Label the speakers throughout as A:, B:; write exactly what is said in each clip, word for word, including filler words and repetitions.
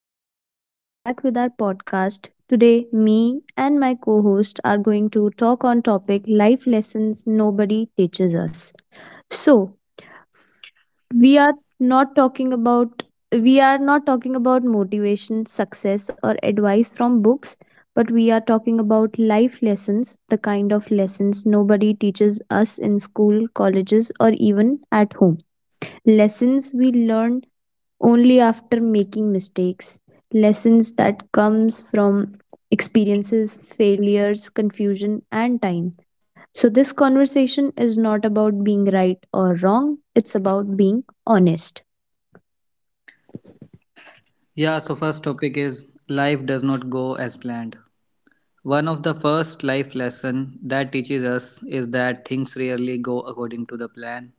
A: So, today we are back with our podcast. Today, me and my co host are going to talk on topic life lessons nobody teaches us. So, we are not talking about we are not talking about motivation, success or advice from books, but we are talking about life lessons, the kind of lessons nobody teaches us in school, colleges or even at home. Lessons we learn only after making mistakes, lessons that comes from experiences, failures, confusion and time. So this conversation is not about being right or wrong, it's about being honest.
B: Yeah, so first topic is life does not go as planned. One of the first life lesson that teaches us is that things rarely go according to the plan.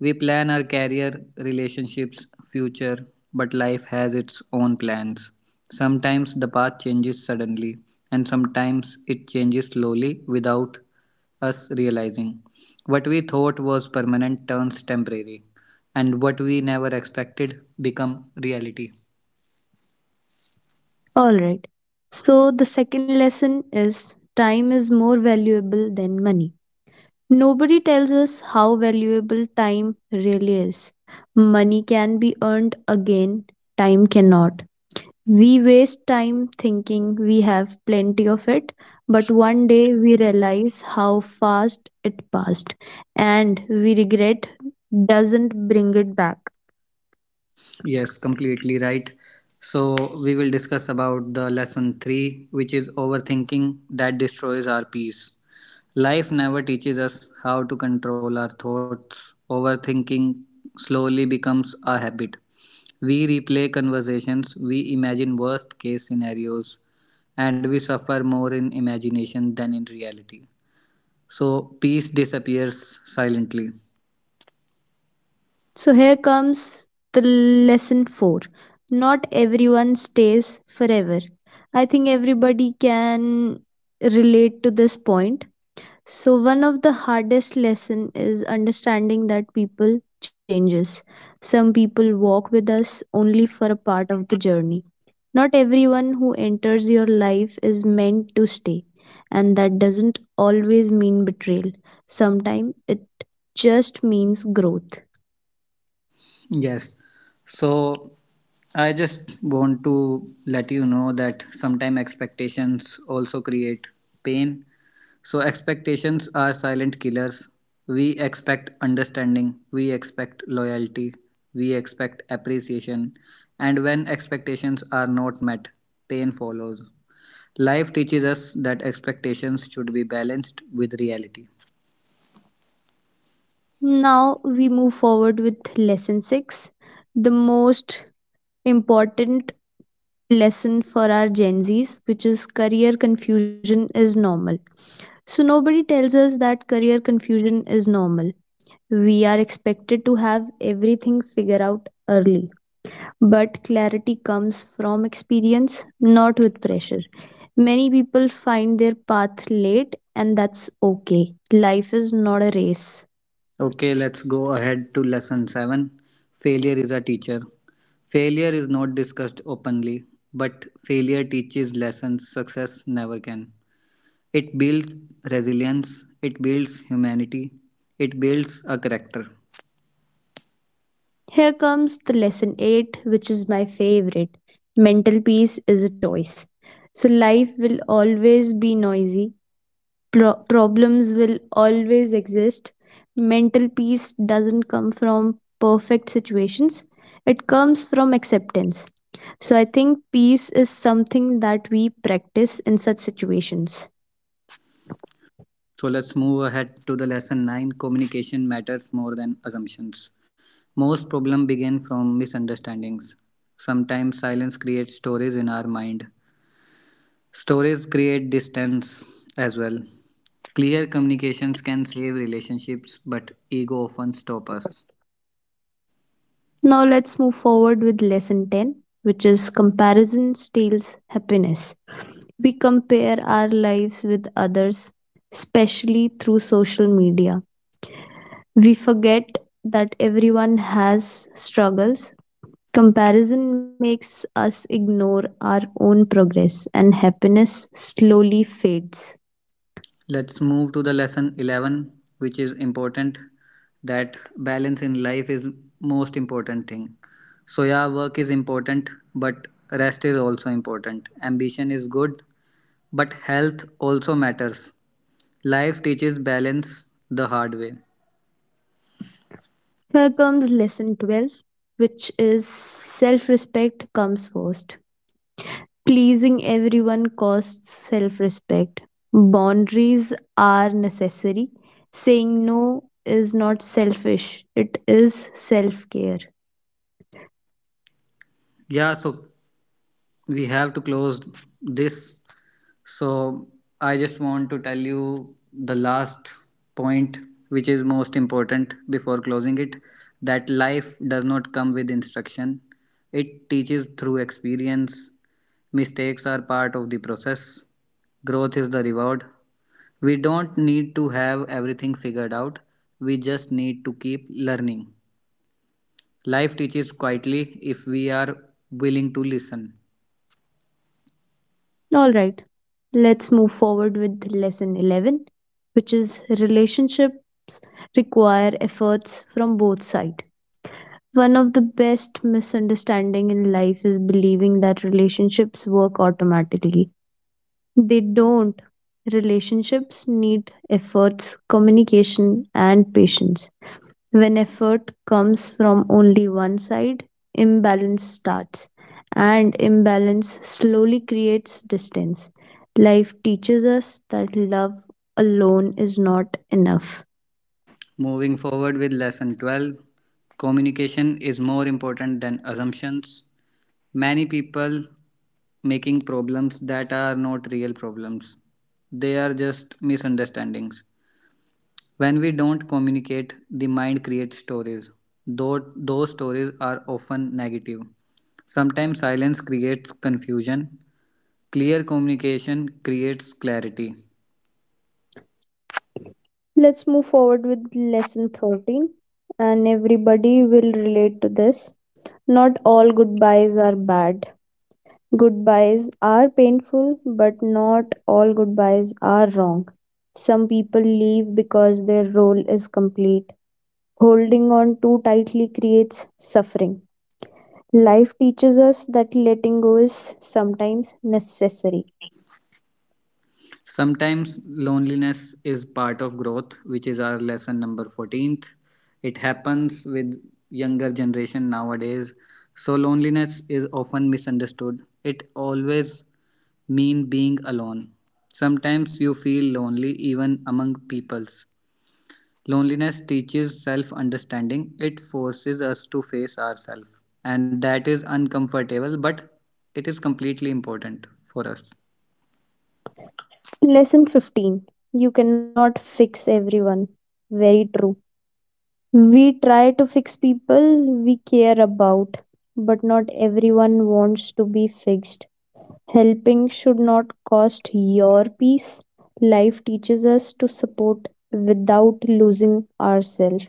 B: We plan our career, relationships, future, but life has its own plans. Sometimes the path changes suddenly, and sometimes it changes slowly without us realizing. What we thought was permanent turns temporary, and what we never expected become reality.
A: All right. So the second lesson is time is more valuable than money. Nobody tells us how valuable time really is. Money can be earned again, time cannot. We waste time thinking we have plenty of it, but one day we realize how fast it passed, and we regret doesn't bring it back.
B: Yes, completely right. So, we will discuss about the lesson three, which is overthinking that destroys our peace. Life never teaches us how to control our thoughts. Overthinking slowly becomes a habit. We replay conversations, we imagine worst case scenarios, and we suffer more in imagination than in reality. So, peace disappears silently.
A: So here comes the lesson four. Not everyone stays forever. I think everybody can relate to this point. So one of the hardest lesson is understanding that people changes. Some people walk with us only for a part of the journey. Not everyone who enters your life is meant to stay, and that doesn't always mean betrayal. Sometimes it just means growth.
B: Yes. So I just want to let you know that sometimes expectations also create pain. So expectations are silent killers. We expect understanding, we expect loyalty, we expect appreciation, and when expectations are not met, pain follows. Life teaches us that expectations should be balanced with reality.
A: Now we move forward with lesson six, the most important lesson for our Gen Zs, which is career confusion is normal. So, nobody tells us that career confusion is normal. We are expected to have everything figured out early. But clarity comes from experience, not with pressure. Many people find their path late, and that's okay. Life is not a race.
B: Okay, let's go ahead to lesson seven. Failure is a teacher. Failure is not discussed openly, but failure teaches lessons success never can. It builds resilience, it builds humanity, it builds a character.
A: Here comes the lesson eight, which is my favorite. Mental peace is a choice. So, life will always be noisy. Pro- problems will always exist. Mental peace doesn't come from perfect situations, it comes from acceptance. So, I think peace is something that we practice in such situations.
B: So let's move ahead to the lesson nine. Communication matters more than assumptions. Most problems begin from misunderstandings. Sometimes silence creates stories in our mind. Stories create distance as well. Clear communications can save relationships, but ego often stop us.
A: Now let's move forward with lesson ten, which is comparison steals happiness. We compare our lives with others, especially through social media. We forget that everyone has struggles. Comparison makes us ignore our own progress, and happiness slowly fades.
B: Let's move to the lesson eleven, which is important, that balance in life is most important thing. So yeah, work is important, but rest is also important. Ambition is good, but health also matters. Life teaches balance the hard way.
A: Here comes lesson twelve, which is self respect comes first. Pleasing everyone costs self respect. Boundaries are necessary. Saying no is not selfish, it is self care.
B: Yeah, so we have to close this, so I just want to tell you the last point, which is most important before closing it, that life does not come with instruction. It teaches through experience. Mistakes are part of the process. Growth is the reward. We don't need to have everything figured out. We just need to keep learning. Life teaches quietly if we are willing to listen.
A: All right, let's move forward with lesson eleven, which is relationships require efforts from both sides. One of the best misunderstanding in life is believing that relationships work automatically. They don't. Relationships need efforts, communication, and patience. When effort comes from only one side, imbalance starts, and imbalance slowly creates distance. Life teaches us that love alone is not enough.
B: Moving forward with lesson twelve, communication is more important than assumptions. Many people making problems that are not real problems. They are just misunderstandings. When we don't communicate, the mind creates stories. Though those stories are often negative. Sometimes silence creates confusion. Clear communication creates clarity.
A: Let's move forward with lesson thirteen, and everybody will relate to this. Not all goodbyes are bad. Goodbyes are painful, but not all goodbyes are wrong. Some people leave because their role is complete. Holding on too tightly creates suffering. Life teaches us that letting go is sometimes necessary.
B: Sometimes loneliness is part of growth, which is our lesson number fourteenth. It happens with younger generation nowadays. So loneliness is often misunderstood. It always mean being alone. Sometimes you feel lonely even among peoples. Loneliness teaches self-understanding. It forces us to face ourselves and that is uncomfortable, but it is completely important for us.
A: Lesson fifteen. You cannot fix everyone. Very true. We try to fix people we care about, but not everyone wants to be fixed. Helping should not cost your peace. Life teaches us to support without losing ourselves.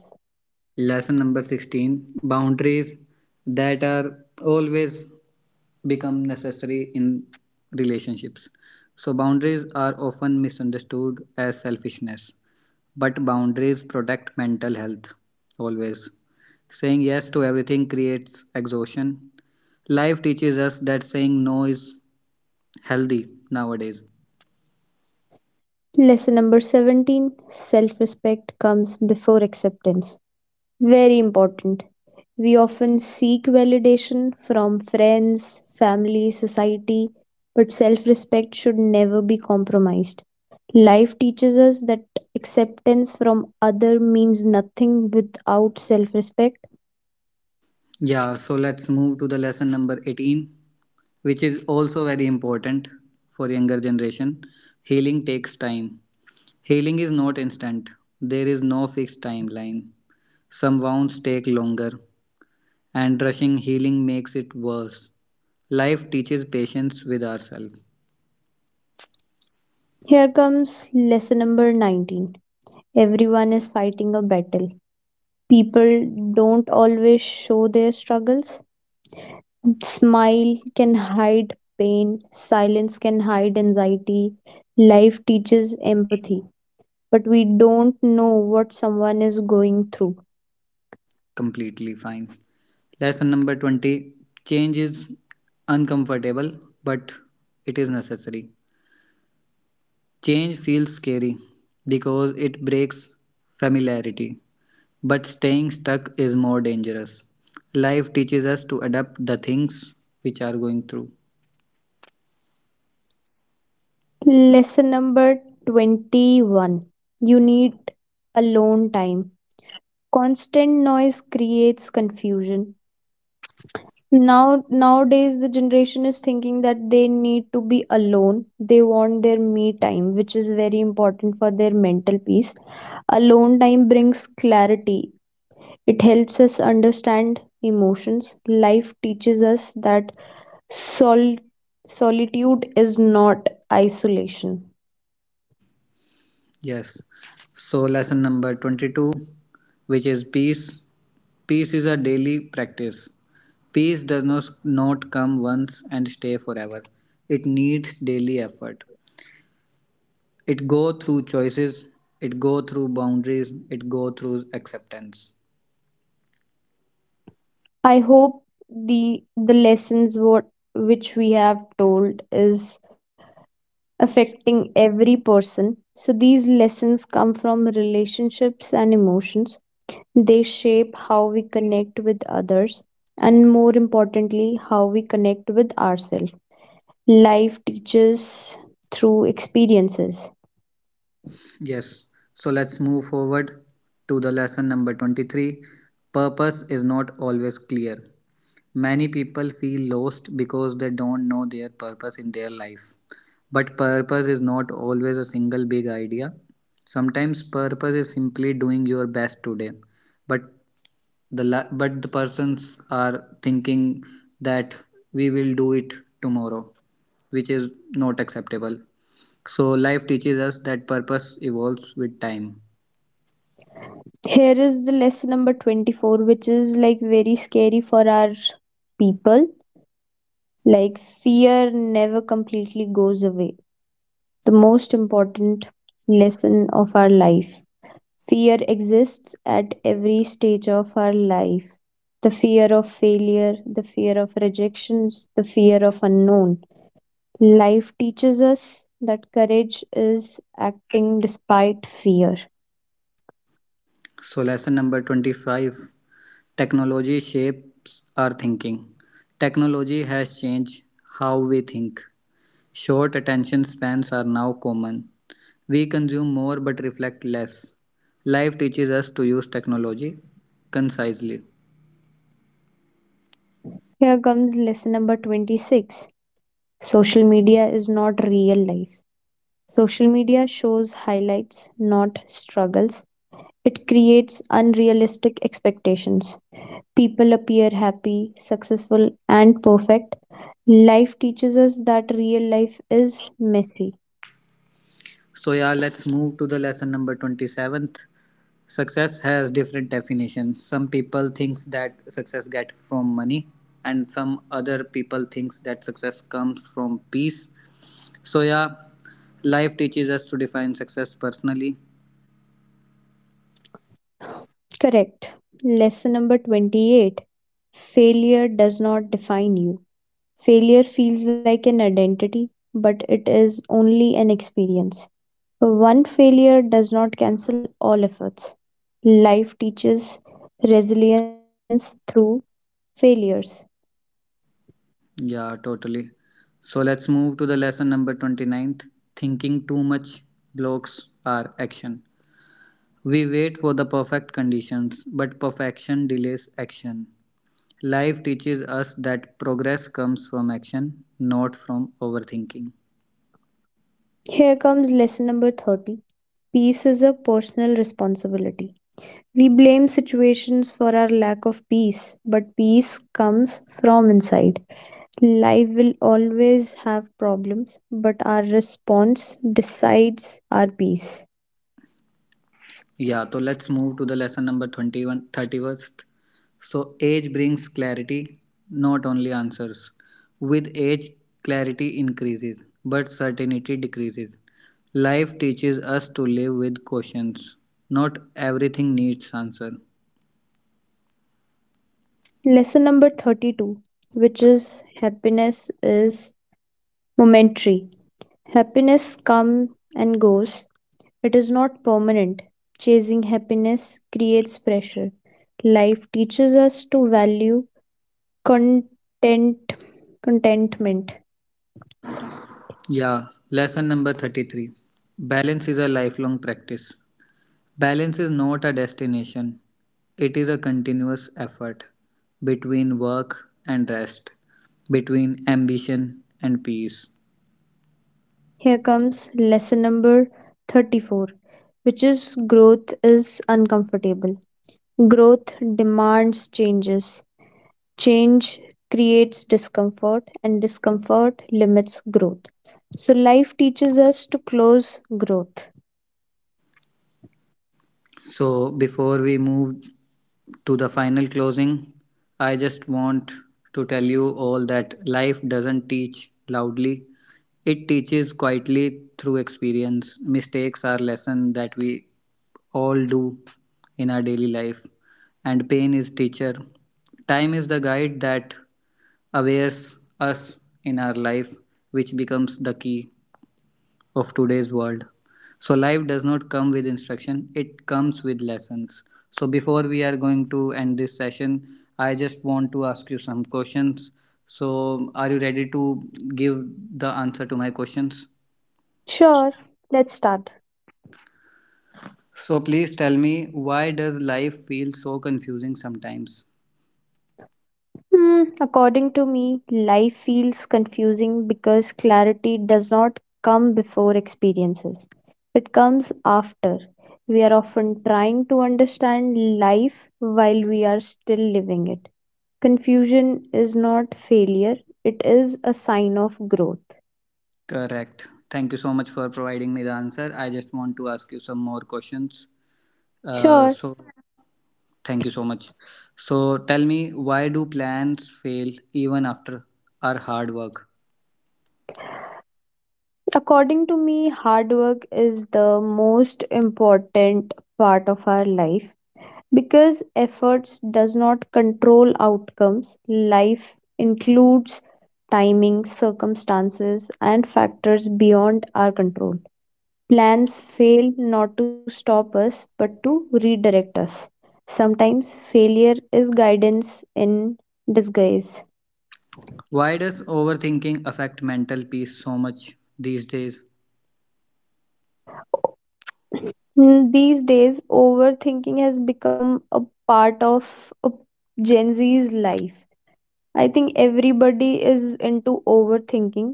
B: Lesson number sixteen. Boundaries that are always become necessary in relationships. So, boundaries are often misunderstood as selfishness, but boundaries protect mental health always. Saying yes to everything creates exhaustion. Life teaches us that saying no is healthy nowadays.
A: Lesson number seventeen. Self respect comes before acceptance. Very important. We often seek validation from friends, family, society, but self respect should never be compromised. Life teaches us that acceptance from other means nothing without self respect.
B: Yeah, so let's move to the lesson number eighteen, which is also very important for younger generation. Healing takes time. Healing is not instant. There is no fixed timeline. Some wounds take longer, and rushing healing makes it worse. Life teaches patience with ourselves.
A: Here comes lesson number nineteen. Everyone is fighting a battle. People don't always show their struggles. Smile can hide pain, silence can hide anxiety. Life teaches empathy, but we don't know what someone is going through.
B: Completely fine. Lesson number twenty. Change is uncomfortable, but it is necessary. Change feels scary because it breaks familiarity, but staying stuck is more dangerous. Life teaches us to adapt the things which are going through.
A: Lesson number twenty-one. You need alone time. Constant noise creates confusion. Now nowadays the generation is thinking that they need to be alone. They want their me time, which is very important for their mental peace. Alone time brings clarity. It helps us understand emotions. Life teaches us that sol- solitude is not isolation.
B: Yes. So lesson number twenty-two, which is peace. Peace is a daily practice. Peace does not, not come once and stay forever. It needs daily effort. It go through choices, it go through boundaries, it go through acceptance.
A: I hope the the lessons what which we have told is affecting every person. So these lessons come from relationships and emotions. They shape how we connect with others and more importantly, how we connect with ourselves. Life teaches through experiences.
B: Yes, so let's move forward to the lesson number twenty-three. Purpose is not always clear. Many people feel lost because they don't know their purpose in their life. But purpose is not always a single big idea. Sometimes purpose is simply doing your best today. But the la- but the persons are thinking that we will do it tomorrow, which is not acceptable. So life teaches us that purpose evolves with time.
A: Here is the lesson number twenty-four, which is like very scary for our people. Like, fear never completely goes away. The most important lesson of our life. Fear exists at every stage of our life, the fear of failure, the fear of rejections, the fear of unknown. Life teaches us that courage is acting despite fear.
B: So lesson number twenty-five, technology shapes our thinking. Technology has changed how we think. Short attention spans are now common. We consume more but reflect less. Life teaches us to use technology concisely.
A: Here comes lesson number twenty-six. Social media is not real life. Social media shows highlights, not struggles. It creates unrealistic expectations. People appear happy, successful, and perfect. Life teaches us that real life is messy.
B: So yeah, let's move to the lesson number twenty-seventh. Success has different definitions. Some people thinks that success get from money and some other people thinks that success comes from peace. So yeah, life teaches us to define success personally.
A: Correct. Lesson number twenty-eight. Failure does not define you. Failure feels like an identity, but it is only an experience. One failure does not cancel all efforts. Life teaches resilience through failures.
B: Yeah, totally. So let's move to the lesson number twenty ninth. Thinking too much blocks our action. We wait for the perfect conditions, but perfection delays action. Life teaches us that progress comes from action, not from overthinking.
A: Here comes lesson number thirty. Peace is a personal responsibility. We blame situations for our lack of peace, but peace comes from inside. Life will always have problems, but our response decides our peace.
B: Yeah, so let's move to the lesson number twenty-one, thirty-first. So, age brings clarity, not only answers. With age, clarity increases, but certainty decreases. Life teaches us to live with questions. Not everything needs answer.
A: Lesson number thirty-two, which is happiness is momentary. Happiness comes and goes, it is not permanent. Chasing happiness creates pressure. Life teaches us to value content, contentment.
B: Yeah, lesson number thirty-three. Balance is a lifelong practice. Balance is not a destination, it is a continuous effort between work and rest, between ambition and peace.
A: Here comes lesson number thirty-four, which is growth is uncomfortable. Growth demands changes. Change creates discomfort, and discomfort limits growth. So, life teaches us to close growth.
B: So, before we move to the final closing, I just want to tell you all that life doesn't teach loudly, it teaches quietly through experience. Mistakes are lessons that we all do in our daily life, and pain is teacher. Time is the guide that awares us in our life, which becomes the key of today's world. So, life does not come with instruction, it comes with lessons. So, before we are going to end this session, I just want to ask you some questions. So, are you ready to give the answer to my questions?
A: Sure, let's start.
B: So, please tell me, why does life feel so confusing sometimes?
A: Hmm, according to me, life feels confusing because clarity does not come before experiences. It comes after. We are often trying to understand life while we are still living it. Confusion is not failure, it is a sign of growth.
B: Correct. Thank you so much for providing me the answer. I just want to ask you some more questions. Uh,
A: Sure.
B: so, Thank you so much. So tell me, why do plans fail even after our hard work?
A: According to me, hard work is the most important part of our life, because efforts does not control outcomes. Life includes timing, circumstances and factors beyond our control. Plans fail not to stop us, but to redirect us. Sometimes failure is guidance in disguise.
B: Why does overthinking affect mental peace so much these days?
A: Mm, these days overthinking has become a part of a gen z's life. I think everybody is into overthinking.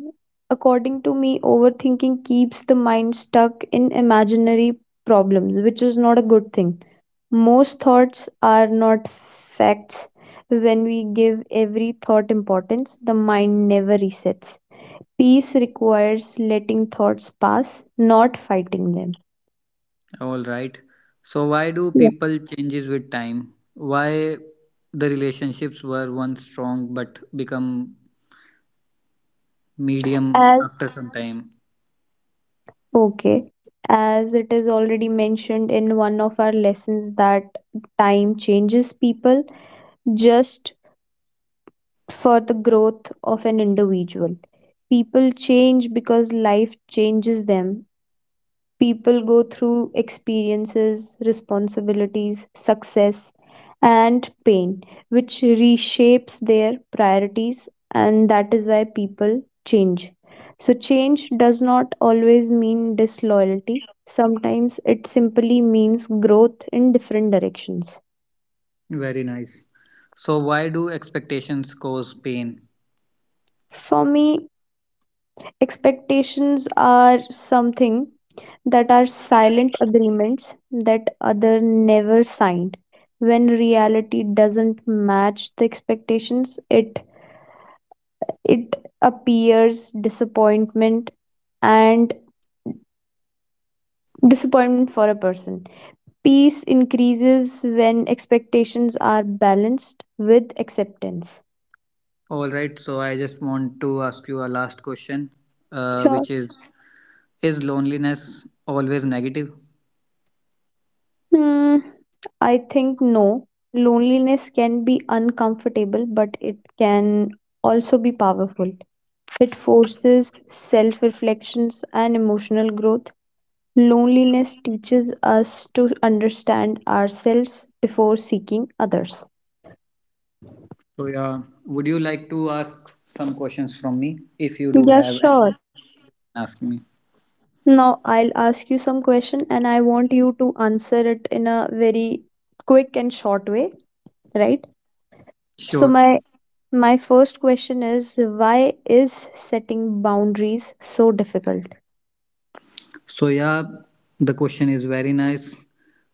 A: According to me, overthinking keeps the mind stuck in imaginary problems, which is not a good thing. Most thoughts are not facts. When we give every thought importance, the mind never resets. Peace requires letting thoughts pass, not fighting them.
B: All right. So why do
A: Yeah.
B: people changes with time? Why the relationships were once strong but become medium
A: As
B: after some time?
A: okay, as it is already mentioned in one of our lessons that time changes people just for the growth of an individual. People change because life changes them. People go through experiences, responsibilities, success, and pain, which reshapes their priorities, and that is why people change. So, change does not always mean disloyalty. Sometimes it simply means growth in different directions.
B: Very nice. So why do expectations cause pain?
A: For me, expectations are something that are silent agreements that other never signed. When reality doesn't match the expectations, it it appears disappointment and disappointment for a person. Peace increases when expectations are balanced with acceptance.
B: All right. So I just want to ask you a last question, uh,
A: Sure.
B: which is Is loneliness always negative?
A: Hmm, I think no. Loneliness can be uncomfortable, but it can also be powerful. It forces self reflections and emotional growth. Loneliness teaches us to understand ourselves before seeking others.
B: So, yeah, would you like to ask some questions from me? If you do
A: Yeah,
B: have, any,
A: sure.
B: ask me.
A: Now I'll ask you some question and I want you to answer it in a very quick and short way, right? So
B: Sure.
A: my my first question is, why is setting boundaries so difficult?
B: So, yeah, the question is very nice.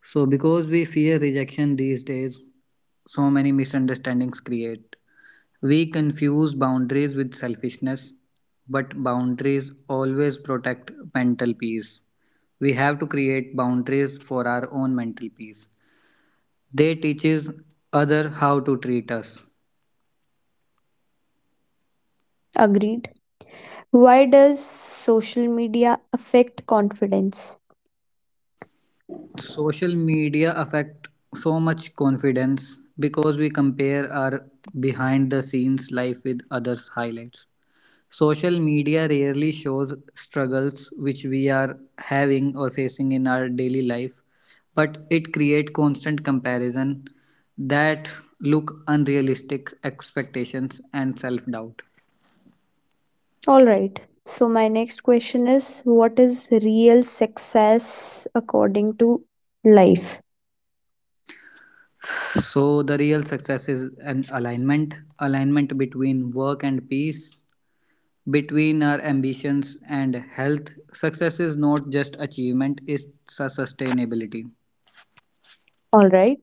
B: So, because we fear rejection these days, so many misunderstandings create. We confuse boundaries with selfishness, but boundaries always protect mental peace. We have to create boundaries for our own mental peace. They teaches other how to treat us.
A: Agreed. Why does social media affect confidence? All
B: Social media affect so much confidence because we compare our behind the scenes life with others highlights. Social media rarely shows struggles which we are having or facing in our daily life, but it create constant comparison that look unrealistic expectations and self doubt.
A: right. So, my next question is, what is real success according to life?
B: So the real success is an alignment, alignment between work and peace. Between our ambitions and health, success is not just achievement, it's a sustainability.
A: All right.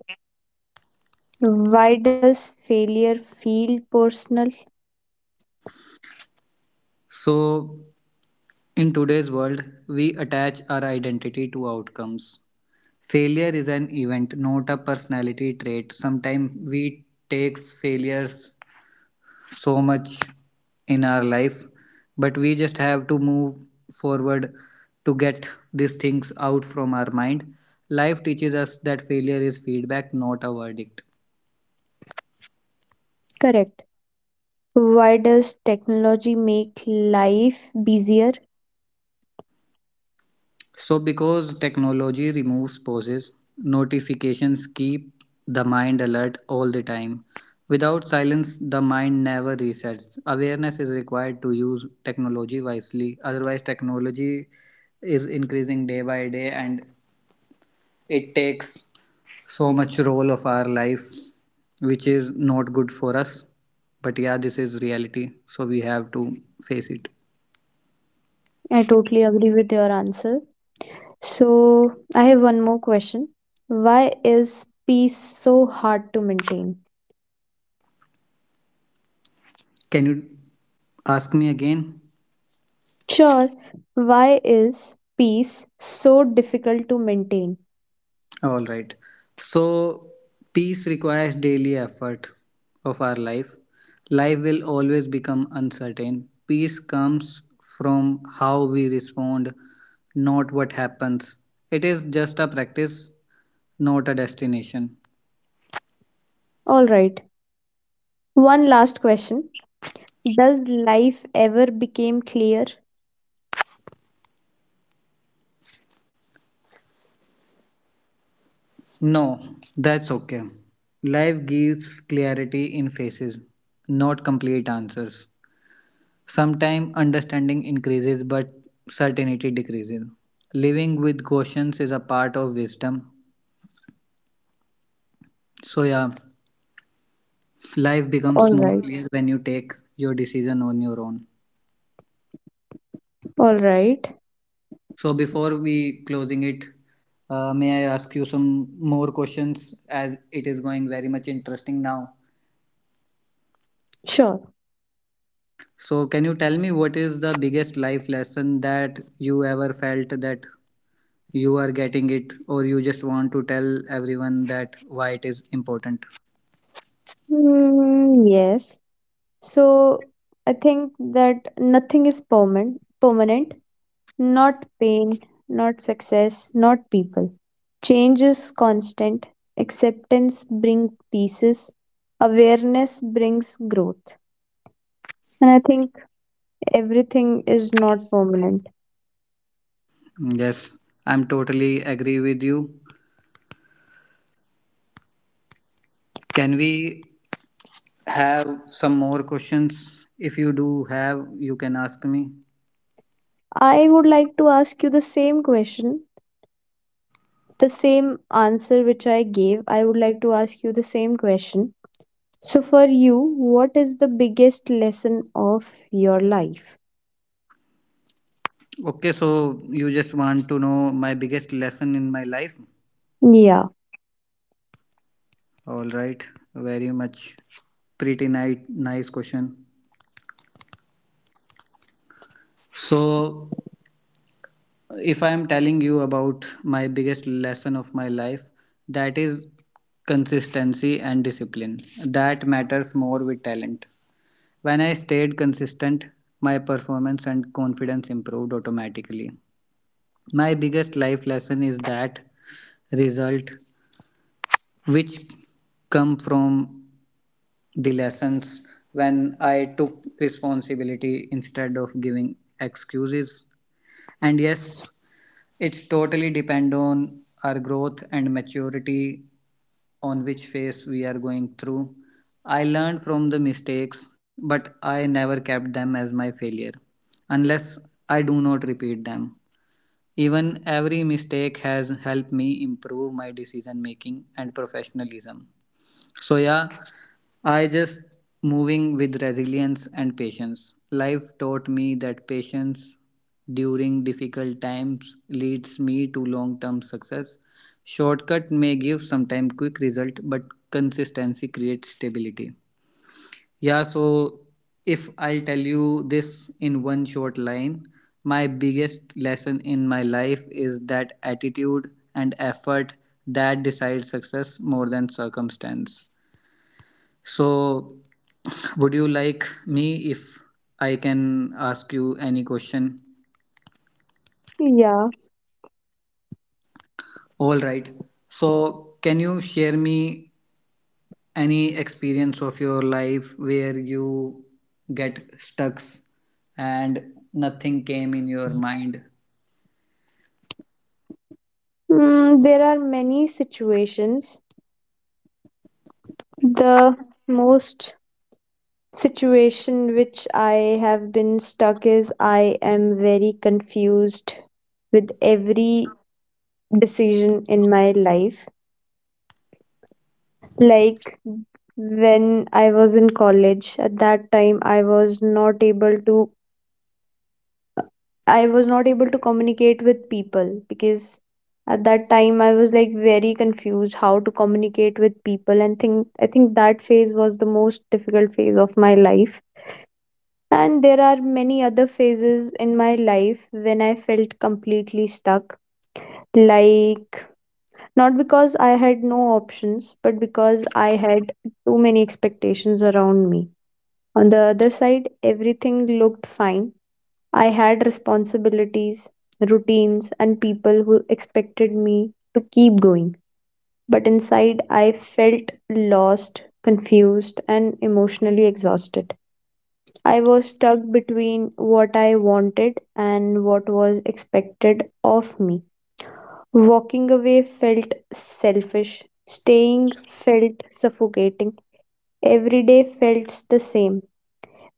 A: Why does failure feel personal?
B: So, in today's world, we attach our identity to outcomes. Failure is an event, not a personality trait. Sometimes we take failures so much in our life, but we just have to move forward to get these things out from our mind. Life teaches us that failure is feedback, not a verdict.
A: Correct. Why does technology make life busier?
B: So, because technology removes pauses, notifications keep the mind alert all the time. Without silence, the mind never resets. Awareness is required to use technology wisely. Otherwise, technology is increasing day by day and it takes so much role of our life, which is not good for us. But yeah, this is reality, so we have to face it.
A: I totally agree with your answer. So, I have one more question. Why is peace so hard to maintain?
B: Can you ask me again?
A: Sure, why is peace so difficult to maintain?
B: All right. So, peace requires daily effort of our life. Life will always become uncertain. Peace comes from how we respond, not what happens. It is just a practice, not a destination.
A: All right. One last question. Does life ever become clear?
B: No, that's okay. Life gives clarity in faces, not complete answers. Sometimes understanding increases, but certainty decreases. Living with cautions is a part of wisdom. So, yeah, life becomes
A: All
B: more
A: right.
B: clear when you take your decision on your own.
A: All right.
B: So, before we closing it, uh, may I ask you some more questions as it is going very much interesting now?
A: Sure.
B: So, can you tell me what is the biggest life lesson that you ever felt that you are getting it, or you just want to tell everyone that why it is important?
A: Mm, yes. So, I think that nothing is permanent. Permanent. Not pain, not success, not people. Change is constant. Acceptance brings peace. Awareness brings growth. And I think everything is not permanent.
B: Yes, I'm totally agree with you. Can we have some more questions? If you do have, you can ask me.
A: I would like to ask you the same question, the same answer which I gave. I would like to ask you the same question. So, for you, what is the biggest lesson of your life?
B: Okay, so you just want to know my biggest lesson in my life?
A: Yeah,
B: All right, very much pretty nice, nice question. So, if I am telling you about my biggest lesson of my life, that is consistency and discipline. That matters more with talent. When I stayed consistent, my performance and confidence improved automatically. My biggest life lesson is that result which come from the lessons when I took responsibility instead of giving excuses. And yes, it's totally depend on our growth and maturity on which phase we are going through. I learned from the mistakes, but I never kept them as my failure unless I do not repeat them. Even every mistake has helped me improve my decision making and professionalism. So, yeah, I just moving with resilience and patience. Life taught me that patience during difficult times leads me to long term success. Shortcut may give sometime quick result, but consistency creates stability. Yeah, so if I'll tell you this in one short line, my biggest lesson in my life is that attitude and effort that decides success more than circumstance. So, would you like me if I can ask you any question?
A: yeah.
B: All right. So, can you share me any experience of your life where you get stuck and nothing came in your mind?
A: Mm, there are many situations. The most situation which I have been stuck is I am very confused with every decision in my life. Like when I was in college, at that time I was not able to I was not able to communicate with people, because at that time I was like very confused how to communicate with people, and think I think that phase was the most difficult phase of my life. And there are many other phases in my life when I felt completely stuck, like not because I had no options, but because I had too many expectations around me. On the other side, everything looked fine. I had responsibilities, routines, and people who expected me to keep going. But inside, I felt lost, confused, and emotionally exhausted. I was stuck between what I wanted and what was expected of me. Walking away felt selfish, staying felt suffocating. Every day felt the same.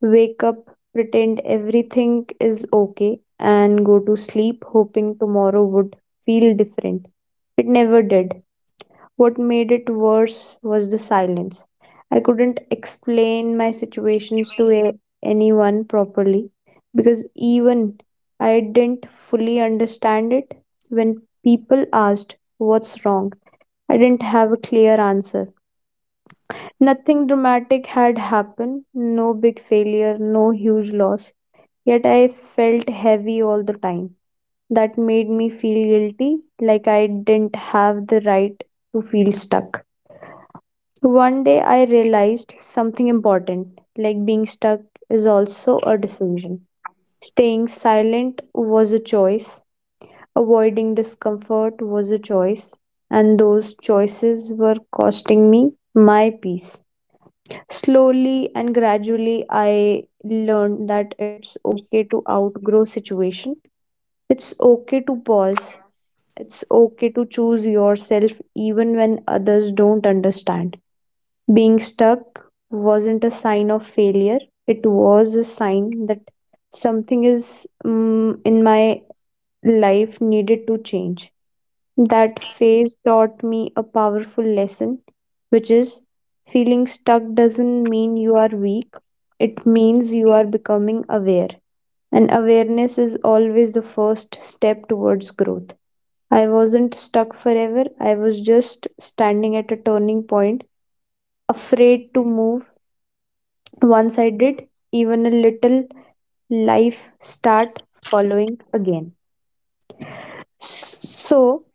A: Wake up, pretend everything is okay, and go to sleep hoping tomorrow would feel different. It never did. What made it worse was the silence. I couldn't explain my situations to a- anyone properly, because even I didn't fully understand it. When people asked, "What's wrong?" I didn't have a clear answer. Nothing dramatic had happened, no big failure, no huge loss, yet I felt heavy all the time. That made me feel guilty, like I didn't have the right to feel stuck. One day I realized something important, like being stuck is also a decision. Staying silent was a choice, avoiding discomfort was a choice, and those choices were costing me my peace. Slowly and gradually, I learned that it's okay to outgrow situation. It's okay to pause. It's okay to choose yourself even when others don't understand. Being stuck wasn't a sign of failure, it was a sign that something is mm in my life needed to change. That phase taught me a powerful lesson, which is feeling stuck doesn't mean you are weak, it means you are becoming aware. And awareness is always the first step towards growth. I wasn't stuck forever, I was just standing at a turning point, afraid to move. Once I did, even a little, life start following again. So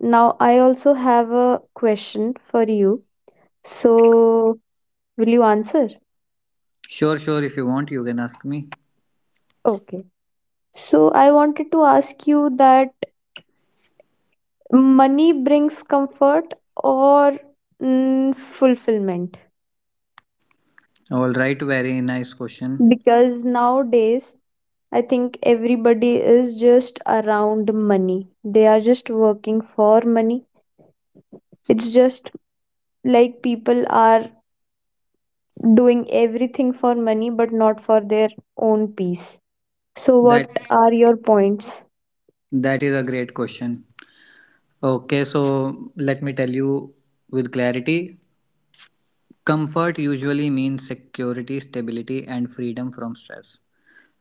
A: now I also have a question for you. So will you answer?
B: Sure, sure. If you want, you can ask me.
A: Okay. So I wanted to ask you that, money brings comfort or mm, fulfillment?
B: All right. Very nice question.
A: Because nowadays I think everybody is just around money. They are just working for money. It's just like people are doing everything for money but not for their own peace. So,
B: That
A: what are your points?
B: that is a great question. Okay, so let me tell you with clarity. Comfort usually means security, stability, and freedom from stress.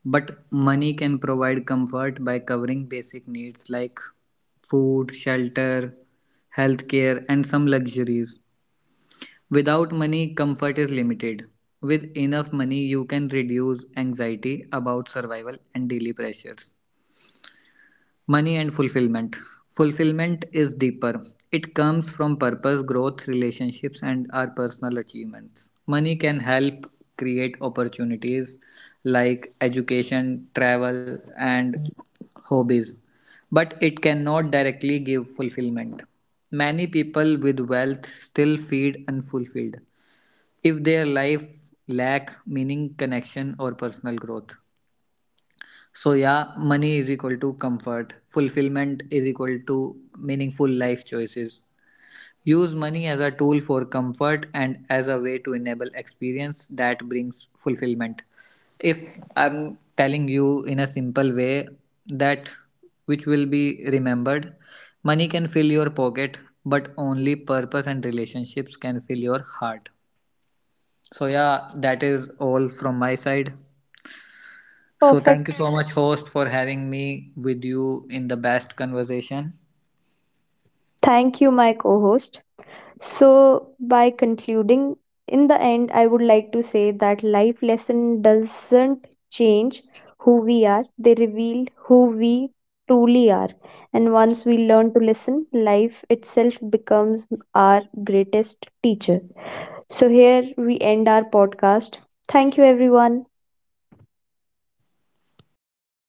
B: But money can provide comfort by covering basic needs like food, shelter, healthcare, and some luxuries. Without money, comfort is limited. With enough money, you can reduce anxiety about survival and daily pressures. Money and fulfillment. Fulfillment is deeper. It comes from purpose, growth, relationships, and our personal achievements. Money can help create opportunities like education, travel, and hobbies, but it cannot directly give fulfillment. Many people with wealth still feel unfulfilled if their life lack meaning, connection, or personal growth. So yeah, money is equal to comfort. Fulfillment is equal to meaningful life choices. Use money as a tool for comfort and as a way to enable experience that brings fulfillment. If I'm telling you in a simple way that which will be remembered, money can fill your pocket, but only purpose and relationships can fill your heart. So yeah, that is all from my side. So
A: Perfect.
B: thank you so much, host, for having me with you in the best conversation.
A: Thank you, my co host. So, by concluding, in the end, I would like to say that life lesson doesn't change who we are, they reveal who we truly are. And once we learn to listen, life itself becomes our greatest teacher. So, here we end our podcast. Thank you, everyone.